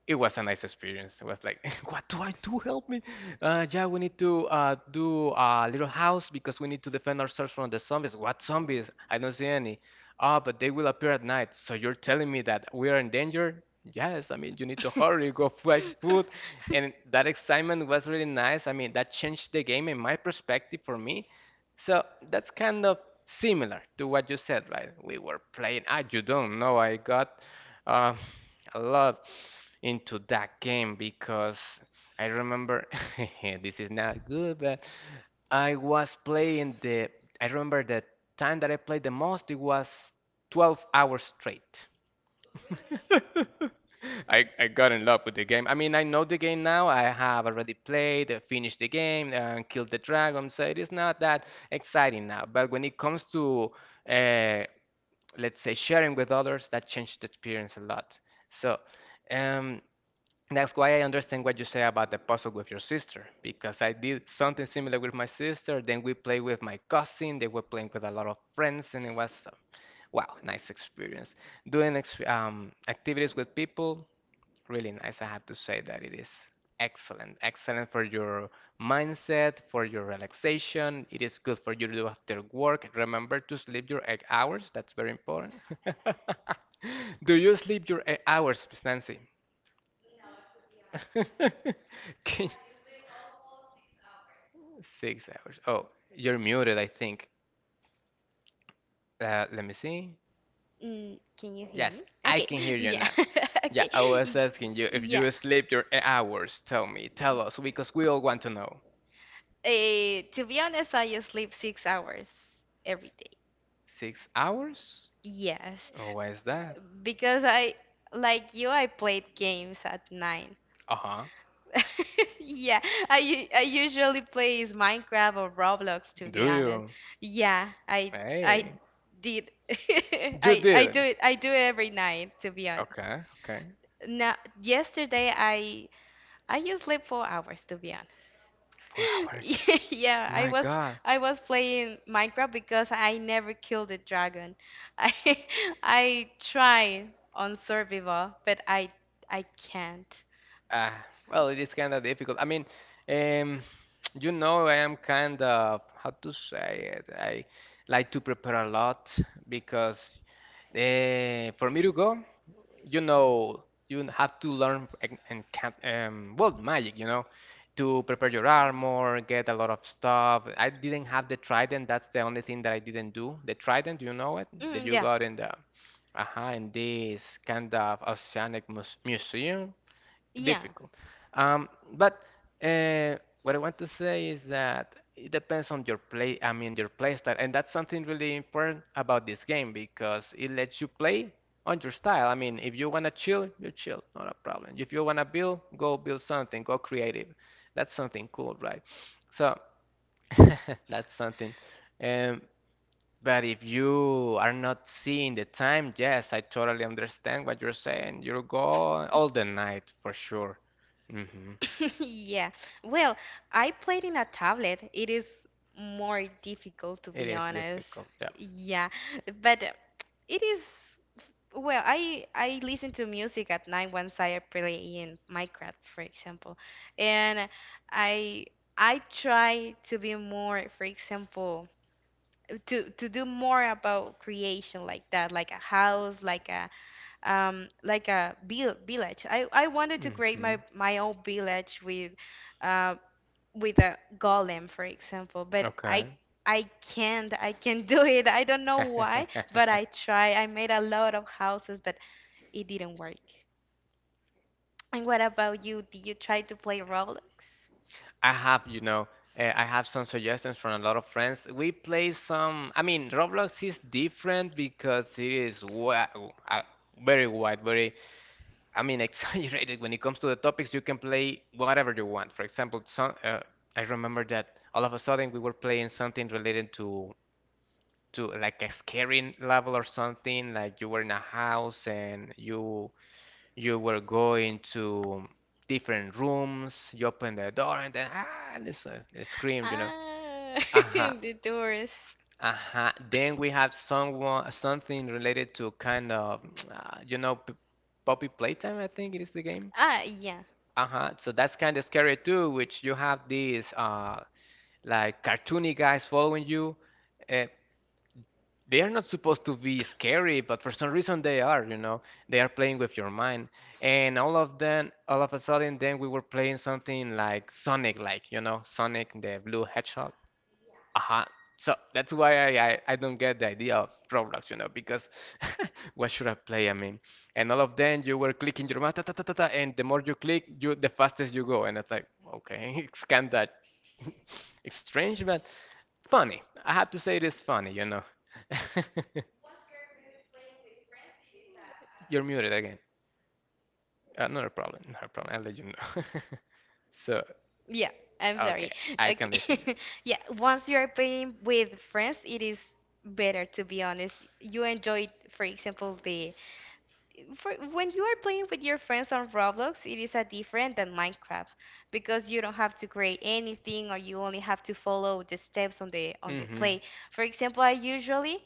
Speaker 1: it was a nice experience. It was like, what do I do? Help me. Yeah, we need to do a little house because we need to defend ourselves from the zombies. What zombies? I don't see any. Ah, but they will appear at night. So you're telling me that we are in danger? Yes, I mean, you need to hurry, go find food. And that excitement was really nice. I mean, that changed the game in my perspective for me. So that's kind of similar to what you said, right? We were playing. Ah, you don't know. I got uh, a lot into that game because I remember this is not good, but I was playing the. I remember the time that I played the most. It was 12 hours straight. I got in love with the game. I mean, I know the game now. I have already played, finished the game, and killed the dragon, so it is not that exciting now. But when it comes to uh, let's say sharing with others that changed the experience a lot so um, that's why I understand what you say about the puzzle with your sister because I did something similar with my sister then we played with my cousin they were playing with a lot of friends and it was wow nice experience doing activities with people Really nice. I have to say that it is excellent. Excellent for your mindset, for your relaxation. It is good for you to do after work. Remember to sleep your 8 hours. That's very important. Do you sleep your 8 hours, Miss Nancy? Can- 6 hours. Oh, you're muted, I think. Let me see.
Speaker 2: Can you hear me?
Speaker 1: Yes, I
Speaker 2: Okay.
Speaker 1: can hear you
Speaker 2: Yeah.
Speaker 1: now. Yeah,
Speaker 2: Okay.
Speaker 1: I was
Speaker 2: Y-
Speaker 1: asking you if
Speaker 2: Yeah.
Speaker 1: you sleep your 8 hours. Tell me, tell us, because we all want to know.
Speaker 2: To be honest, I sleep 6 hours every day.
Speaker 1: 6 hours?
Speaker 2: Yes.
Speaker 1: Oh, why is that?
Speaker 2: Because I, like you, I played games at 9.
Speaker 1: Uh-huh.
Speaker 2: Yeah, I usually play is Minecraft or Roblox to be
Speaker 1: Do
Speaker 2: honest.
Speaker 1: you?
Speaker 2: Yeah, I
Speaker 1: Hey.
Speaker 2: did.
Speaker 1: You
Speaker 2: I
Speaker 1: did.
Speaker 2: do it. I do it every night to be honest.
Speaker 1: Okay, okay.
Speaker 2: Now, yesterday I just sleep 4 hours to be
Speaker 1: Four hours.
Speaker 2: Yeah, yeah, I
Speaker 1: My
Speaker 2: was
Speaker 1: God.
Speaker 2: I was playing Minecraft because I never killed a dragon. I I try on survival, but I can't.
Speaker 1: Ah, well, it is kind of difficult. Um, you know, I am kind of, how to say it? I like to prepare a lot because for me to go. You know you have to learn and can world magic you know to prepare your armor get a lot of stuff I didn't have the trident that's the only thing that I didn't do the trident you know it that
Speaker 2: Mm,
Speaker 1: you
Speaker 2: yeah.
Speaker 1: got in the aha in this kind of oceanic museum
Speaker 2: Yeah.
Speaker 1: difficult. But uh, what I want to say is that it depends on your play, I mean your play style, and that's something really important about this game because it lets you play on your style. I mean, if you wanna chill, you chill, not a problem. If you wanna build, go build something, go creative. That's something cool, right? So that's something. Um, but if you are not seeing the time, yes, I totally understand what you're saying. You're gone all the night for sure. hmm
Speaker 2: Yeah. Well, I played in a tablet. It is more difficult to
Speaker 1: It
Speaker 2: be
Speaker 1: is
Speaker 2: honest.
Speaker 1: difficult. Yeah.
Speaker 2: Yeah. But it is well, I listen to music at night once I play in Minecraft, for example, and I I try to be more, for example, to do more about creation like that, like a house, like a village. I wanted to create
Speaker 1: hmm
Speaker 2: my own village uh with a golem, for example, but I.
Speaker 1: Okay.
Speaker 2: I can't do it. I don't know why, but I try. I made a lot of houses, but it didn't work. And what about you? Did you try to play Roblox?
Speaker 1: I have, you know, I have some suggestions from a lot of friends. We play some, I mean, Roblox is different because it is uh, very wide, very I mean, exaggerated. When it comes to the topics, you can play whatever you want. For example, some, I remember that all of a sudden we were playing something related to like a scary level or something. Like you were in a house and you were going to different rooms. You open the door and then ah, and it's a scream, you know.
Speaker 2: Ah,
Speaker 1: Uh-huh.
Speaker 2: the doors.
Speaker 1: Uh-huh. Then we have someone something related to kind of you know, Poppy Playtime, I think it is the game.
Speaker 2: Ah, yeah.
Speaker 1: Uh-huh. So that's kind of scary too, which you have these like cartoony guys following you. Uh, they are not supposed to be scary, but for some reason they are, you know. They are playing with your mind. And all of them, all of a sudden, then we were playing something like Sonic, like, you know, Sonic the Blue Hedgehog. Uh-huh. So that's why I don't get the idea of Roblox, you know, because what should I play? I mean, and all of them you were clicking your mouse, ta, ta, ta, ta, ta, and the more you click, you the fastest you go. And it's like, okay, it's kind of it's strange, but funny. I have to say it is funny, you know. You're muted again. Not a problem, not a problem. I'll let you know. So,
Speaker 2: Yeah, I'm sorry.
Speaker 1: okay, I can listen.
Speaker 2: Okay. Yeah, once you are playing with friends, it is better to be honest. You enjoy, for example, the for when you are playing with your friends on Roblox, it is a different than Minecraft because you don't have to create anything or you only have to follow the steps on the
Speaker 1: Mm-hmm.
Speaker 2: play. For example, I usually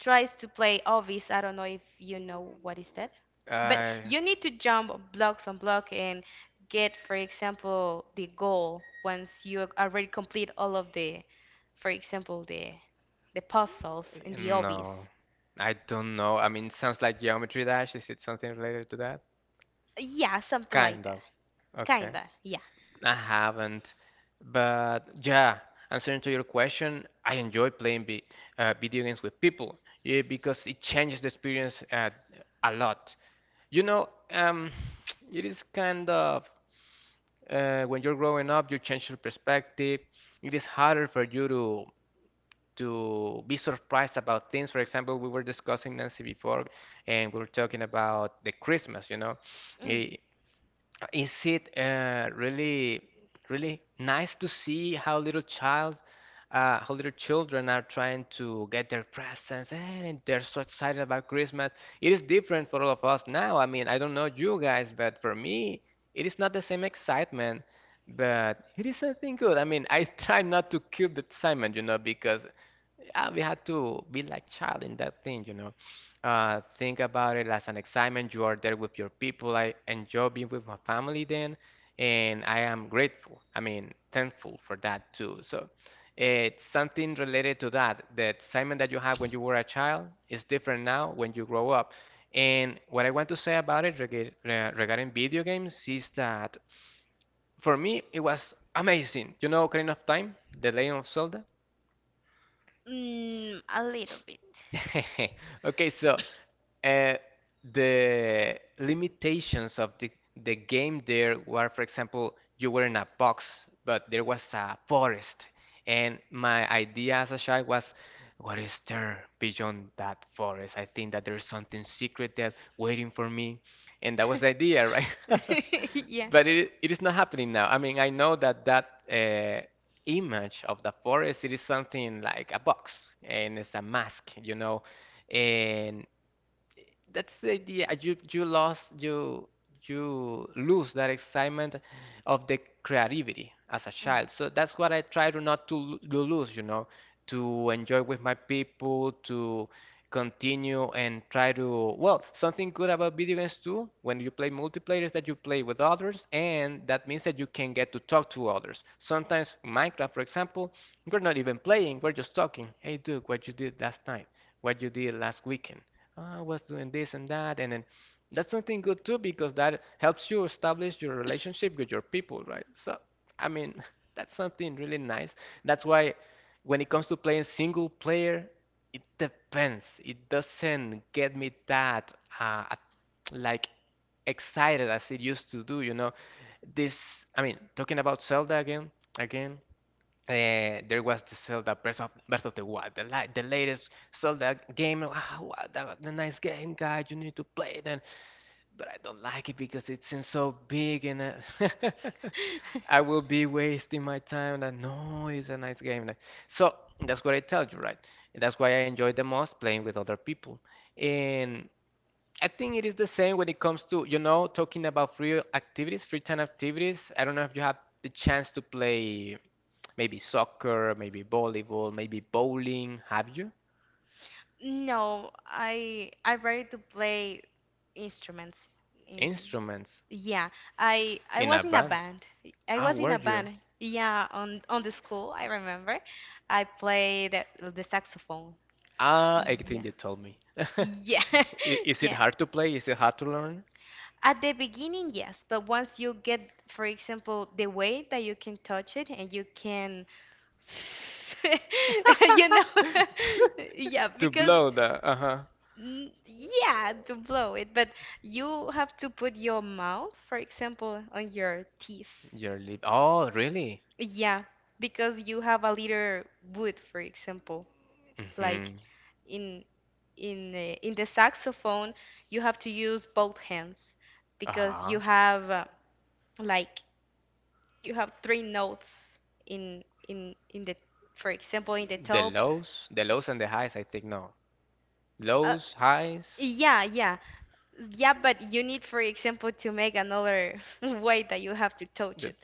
Speaker 2: tries to play Obis. I don't know if you know what is that. But
Speaker 1: Uh,
Speaker 2: you need to jump blocks on block and get, for example, the goal once you already complete all of the, for example, the puzzles in the Obis.
Speaker 1: No, I don't know. I mean, sounds like Geometry Dash. Is it something related to that?
Speaker 2: Yeah, something like
Speaker 1: Kind
Speaker 2: that.
Speaker 1: of. Okay.
Speaker 2: Kinda, yeah.
Speaker 1: I haven't. But yeah, answering to your question, I enjoy playing vi video games with people, yeah, because it changes the experience a lot. You know, um, it is kind of when you're growing up, you change your perspective. It is harder for you to be surprised about things. For example, we were discussing Nancy before, and we were talking about the Christmas, you know.
Speaker 2: Mm.
Speaker 1: Eh, is it really, really nice to see how little child, how little children are trying to get their presents and they're so excited about Christmas. It is different for all of us now. I mean, I don't know you guys, but for me, it is not the same excitement, but it is something good. I mean, I try not to kill the excitement, you know, because we had to be like child in that thing, think about it as an excitement. You are there with your people. I enjoy being with my family then, and I am grateful. I mean, thankful for that too. So it's something related to that. The excitement that you have when you were a child is different now when you grow up. And what I want to say about it regarding video games is that for me it was amazing. You know, Ocarina of Time, The Legend of Zelda.
Speaker 2: A little bit.
Speaker 1: Okay, so uh, the limitations of the game there were, for example, you were in a box, but there was a forest. And my idea as a child was, what is there beyond that forest? I think that there's something secret there waiting for me. And that was the idea, right?
Speaker 2: Yeah.
Speaker 1: But it is not happening now. I mean, I know that that uh, image of the forest, it is something like a box and it's a mask, you know, and that's the idea. You lost, you lose that excitement of the creativity as a
Speaker 2: Mm.
Speaker 1: child. So that's what I try to not to, to lose, you know, to enjoy with my people, to continue and try to, well, something good about video games too, when you play multiplayer is that you play with others and that means that you can get to talk to others. Sometimes Minecraft, for example, we're not even playing, we're just talking. Hey dude, what you did last night? What you did last weekend? I was doing this and that, and then that's something good too because that helps you establish your relationship with your people, right? So, I mean, that's something really nice. That's why when it comes to playing single player, it depends. It doesn't get me that uh, at- like excited as it used to do, you know. This, I mean, talking about Zelda again, again. There was the Zelda Breath of the Wild, the, li the latest Zelda game. Wow, what a nice game, guy. You need to play it. And, but I don't like it because it seems so big and I will be wasting my time. That no, it's a nice game. Like, so that's what I tell you, right? That's why I enjoy the most playing with other people. And I think it is the same when it comes to, you know, talking about free activities, free time activities. I don't know if you have the chance to play. Maybe soccer, maybe volleyball, maybe bowling. Have you?
Speaker 2: No, I ready to play instruments in
Speaker 1: Instruments
Speaker 2: yeah. I
Speaker 1: in a
Speaker 2: was in a
Speaker 1: band.
Speaker 2: band. I
Speaker 1: Ah,
Speaker 2: was in
Speaker 1: were
Speaker 2: a
Speaker 1: you?
Speaker 2: band. Yeah, on the school, I remember. I played the saxophone.
Speaker 1: Ah, I
Speaker 2: Yeah.
Speaker 1: think you told me. I-
Speaker 2: Yeah,
Speaker 1: Is it
Speaker 2: yeah.
Speaker 1: hard to play? Is it hard to learn?
Speaker 2: At the beginning, yes, but once you get, for example, the way that you can touch it and you can, you know, yeah,
Speaker 1: To
Speaker 2: because
Speaker 1: blow the, uh-huh.
Speaker 2: yeah, to blow it, but you have to put your mouth, for example, on your teeth.
Speaker 1: Your lip. Oh, really?
Speaker 2: Yeah, because you have a little wood, for example, like
Speaker 1: Mm-hmm.
Speaker 2: in in the saxophone you have to use both hands because
Speaker 1: Uh-huh.
Speaker 2: you have like you have three notes in in the, for example, in the top,
Speaker 1: The lows and the highs, I think no.
Speaker 2: uh,
Speaker 1: Lows, highs,
Speaker 2: yeah, yeah, yeah, but you need, for example, to make another way that you have to touch
Speaker 1: the
Speaker 2: it.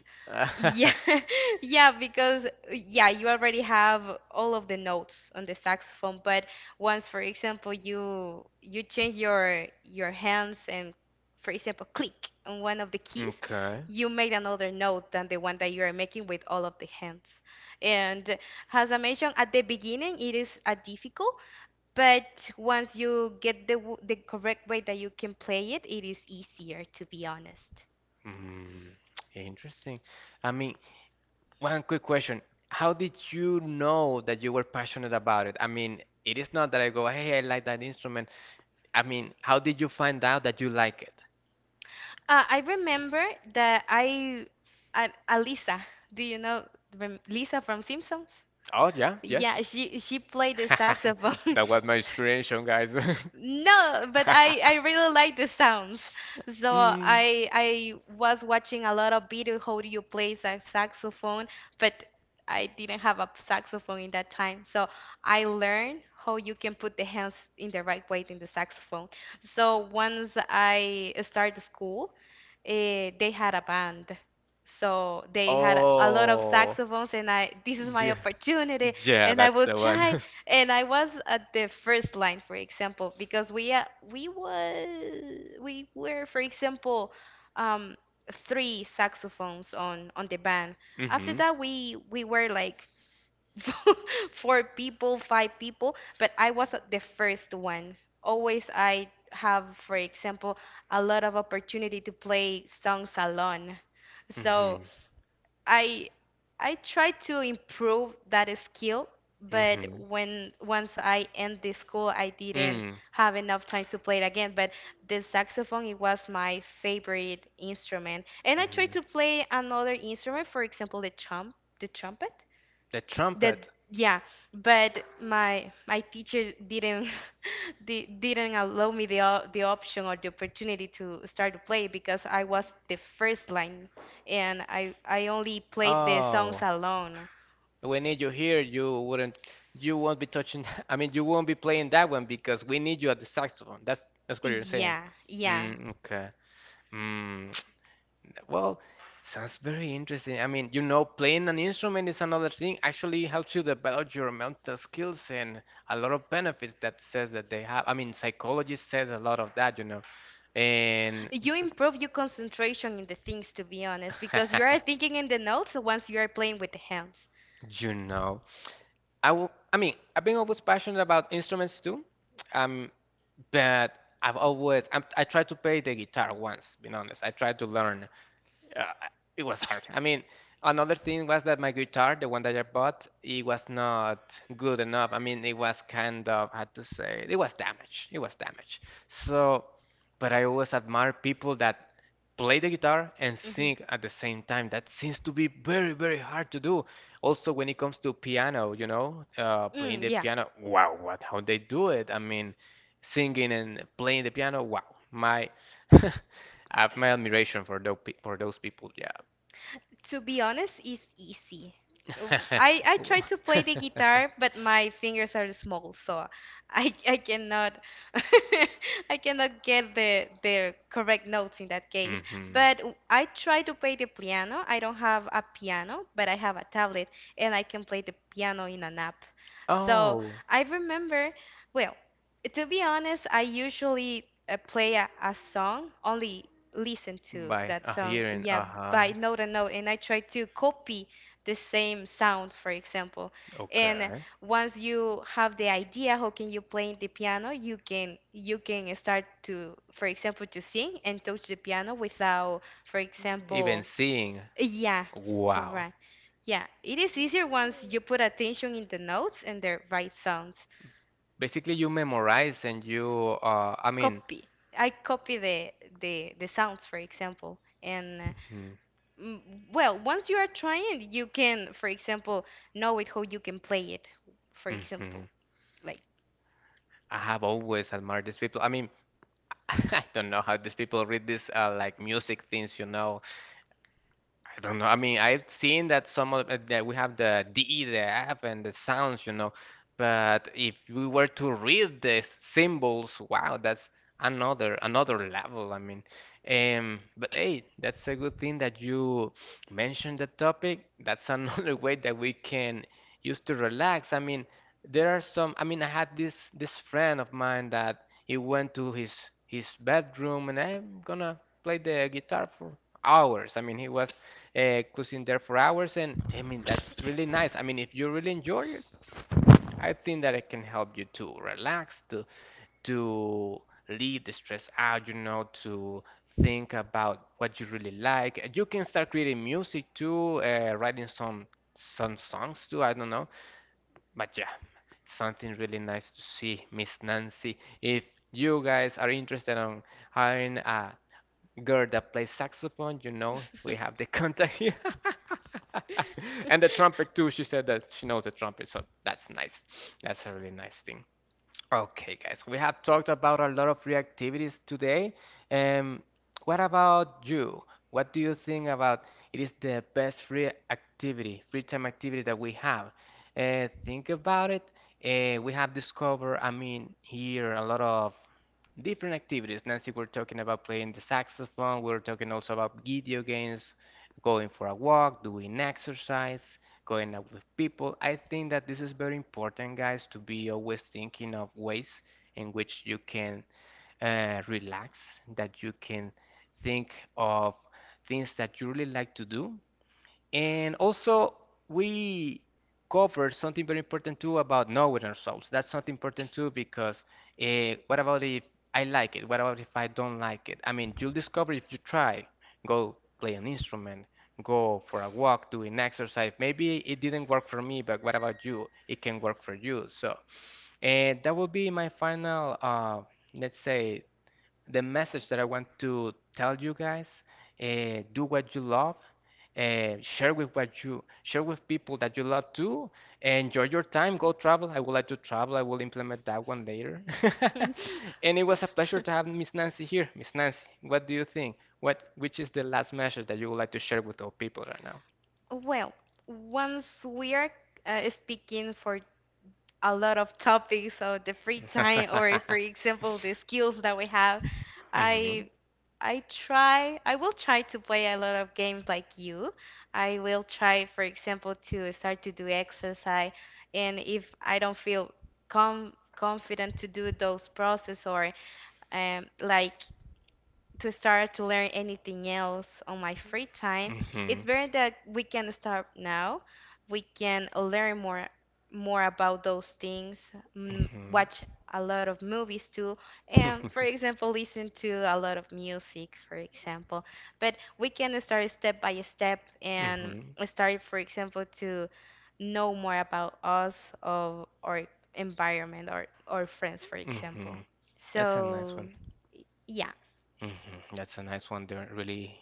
Speaker 2: Yeah, yeah, because yeah, you already have all of the notes on the saxophone, but once, for example, you change your hands and, for example, click on one of the keys,
Speaker 1: Okay.
Speaker 2: you make another note than the one that you are making with all of the hands. And as I mentioned at the beginning, it is a difficult, but once you get the correct way that you can play it, it is easier, to be honest.
Speaker 1: Mm, interesting. I mean, one quick question. How did you know that you were passionate about it? I mean, it is not that I go, hey, I like that instrument. I mean, how did you find out that you like it?
Speaker 2: I remember that I Alisa, do you know Lisa from Simpsons?
Speaker 1: Oh, yeah, yes.
Speaker 2: Yeah, she played the saxophone.
Speaker 1: That was my inspiration, guys.
Speaker 2: No, but I really like the sounds. So
Speaker 1: Mm.
Speaker 2: I was watching a lot of video how do you play the saxophone, but I didn't have a saxophone in that time. So I learned how you can put the hands in the right way in the saxophone. So once I started school, they had a band. So they had a lot of
Speaker 1: Oh.
Speaker 2: saxophones, and this is my
Speaker 1: Yeah,
Speaker 2: opportunity,
Speaker 1: yeah,
Speaker 2: and I
Speaker 1: that's
Speaker 2: will
Speaker 1: the one.
Speaker 2: try. And I was at the first line, for example, because we was we were, for example, um, three saxophones on the band. After
Speaker 1: Mm-hmm.
Speaker 2: that, we were like four people, five people, but I wasn't the first one. Always I have, for example, a lot of opportunity to play songs alone. So
Speaker 1: Mm-hmm.
Speaker 2: I I try to improve that skill, but
Speaker 1: Mm-hmm.
Speaker 2: when once I end the school, I didn't
Speaker 1: Mm.
Speaker 2: have enough time to play it again. But the saxophone, it was my favorite instrument, and I tried
Speaker 1: Mm.
Speaker 2: to play another instrument, for example, the trumpet
Speaker 1: The
Speaker 2: that
Speaker 1: trumpet.
Speaker 2: yeah, but my teacher didn't di- didn't allow me the option or the opportunity to start to play because I was the first line and I only played the songs
Speaker 1: Oh,
Speaker 2: alone.
Speaker 1: we need you here. You wouldn't. You won't be touching. I mean, you won't be playing that one because we need you at the saxophone. That's what you're saying.
Speaker 2: Yeah, yeah.
Speaker 1: Mm, okay. Mm, well, it sounds very interesting. I mean, you know, playing an instrument is another thing. Actually, helps you develop your mental skills and a lot of benefits that says that they have. I mean, psychology says a lot of that, you know. And
Speaker 2: You improve your concentration in the things to be honest because you are thinking in the notes once you are playing with the hands.
Speaker 1: you know, I will, I mean, I've been always passionate about instruments too. Um, but I tried to play the guitar once, being honest. I tried to learn, uh, it was hard. I mean, another thing was that my guitar, the one that I bought, it was not good enough. I mean, it was kind of, I had to say, it was damaged. It was damaged. So, but I always admire people that play the guitar and
Speaker 2: Hmm.
Speaker 1: sing at the same time. That seems to be very, very hard to do. Also, when it comes to piano, you know, playing
Speaker 2: Mm,
Speaker 1: the
Speaker 2: yeah.
Speaker 1: piano, wow, what, how they do it. I mean, singing and playing the piano, wow. My I have my admiration for those pe for those people. Yeah.
Speaker 2: To be honest, it's easy. Uh, I try to play the guitar, but my fingers are small, so I cannot I cannot get the correct notes in that case.
Speaker 1: Mhm.
Speaker 2: But I try to play the piano. I don't have a piano, but I have a tablet and I can play the piano in an app. So
Speaker 1: Oh,
Speaker 2: I remember, well, to be honest, I usually play a song only listen to
Speaker 1: by
Speaker 2: that song,
Speaker 1: hearing,
Speaker 2: yeah,
Speaker 1: uh-huh.
Speaker 2: by note and note, and I try to copy the same sound, for example. And
Speaker 1: Okay.
Speaker 2: once you have the idea how can you play the piano, you can start to, for example, to sing and touch the piano without, for
Speaker 1: Even
Speaker 2: example,
Speaker 1: seeing.
Speaker 2: yeah,
Speaker 1: Wow.
Speaker 2: correct. Yeah, it is easier once you put attention in the notes and the right sounds.
Speaker 1: Basically, you memorize and you, I mean,
Speaker 2: Copy. I copy the sounds, for example, and
Speaker 1: mhm,
Speaker 2: Mm, well, once you are trying, you can, for example, know it how you can play it. For example,
Speaker 1: mhm.
Speaker 2: like.
Speaker 1: I have always admired these people. I mean, I don't know how these people read this like music things, you know, I don't know. I mean, I've seen that some of that we have the DE, the F, and the sounds, you know. But if we were to read these symbols, wow, that's another, another level. I mean, but hey, that's a good thing that you mentioned the topic. That's another way that we can use to relax. I mean, there are some. I mean, I had this friend of mine that he went to his bedroom, and I'm gonna play the guitar for hours. I mean, he was cruising there for hours. And I mean, that's really nice. I mean, if you really enjoy it, I think that it can help you to relax, to leave the stress out, you know, to think about what you really like. You can start creating music too, writing some songs too. I don't know, but yeah, something really nice to see, Miss Nancy. If you guys are interested in hiring a girl that plays saxophone, you know, we have the contact here. And the trumpet too, she said that she knows the trumpet, so that's nice. That's a really nice thing. Okay, guys, we have talked about a lot of free activities today. Um, what about you? What do you think about it is the best free activity, free time activity that we have? Think about it. We have discovered, I mean, here a lot of different activities. Nancy, we're talking about playing the saxophone. We're talking also about video games, going for a walk, doing exercise, going out with people. I think that this is very important, guys, to be always thinking of ways in which you can relax, that you can think of things that you really like to do, and also, we cover something very important too about knowing ourselves. That's something important too because what about if I like it? What about if I don't like it? I mean, you'll discover if you try. Go play an instrument, go for a walk, do an exercise. Maybe it didn't work for me, but what about you? It can work for you. So, and that will be my final, let's say, the message that I want to tell you guys, do what you love, share with what you share with people that you love too. Enjoy your time, go travel. I would like to travel. I will implement that one later. And it was a pleasure to have Miss Nancy here. Miss Nancy, what do you think? What which is the last message that you would like to share with our people right now?
Speaker 2: Well, once we are speaking for a lot of topics, so the free time, or for example, the skills that we have,
Speaker 1: Mhm.
Speaker 2: I I will try to play a lot of games like you. I will try, for example, to start to do exercise. And if I don't feel com confident to do those process or like to start to learn anything else on my free time.
Speaker 1: Mhm.
Speaker 2: It's better that we can start now. We can learn more about those things,
Speaker 1: Mhm.
Speaker 2: watch a lot of movies too, and for example, listen to a lot of music, for example. But we can start step by step and
Speaker 1: Mhm.
Speaker 2: start, for example, to know more about us of our environment or our friends, for example.
Speaker 1: Mhm. That's a nice
Speaker 2: So,
Speaker 1: one.
Speaker 2: yeah.
Speaker 1: Mhm. That's a nice one. They're really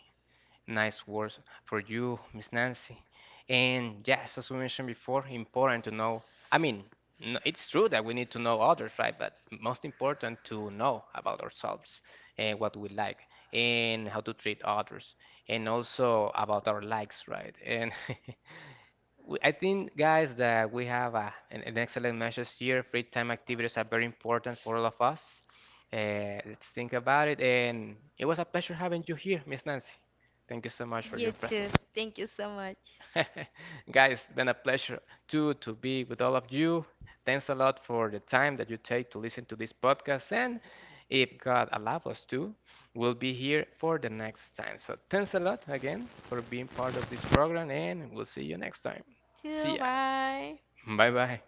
Speaker 1: nice words for you, Miss Nancy. And yes, as we mentioned before, important to know. I mean, it's true that we need to know others, right? But most important to know about ourselves and what we like and how to treat others, and also about our likes, right? And we I think, guys, that we have an excellent message here. Free time activities are very important for all of us. Let's think about it. And it was a pleasure having you here, Miss Nancy. Thank you so much for
Speaker 2: You
Speaker 1: your
Speaker 2: too.
Speaker 1: presence.
Speaker 2: Thank you so much.
Speaker 1: Guys, it's been a pleasure too to be with all of you. Thanks a lot for the time that you take to listen to this podcast. And if God allows us to, we'll be here for the next time. So thanks a lot again for being part of this program, and we'll see you next time.
Speaker 2: Too.
Speaker 1: See ya.
Speaker 2: Bye.
Speaker 1: Bye bye.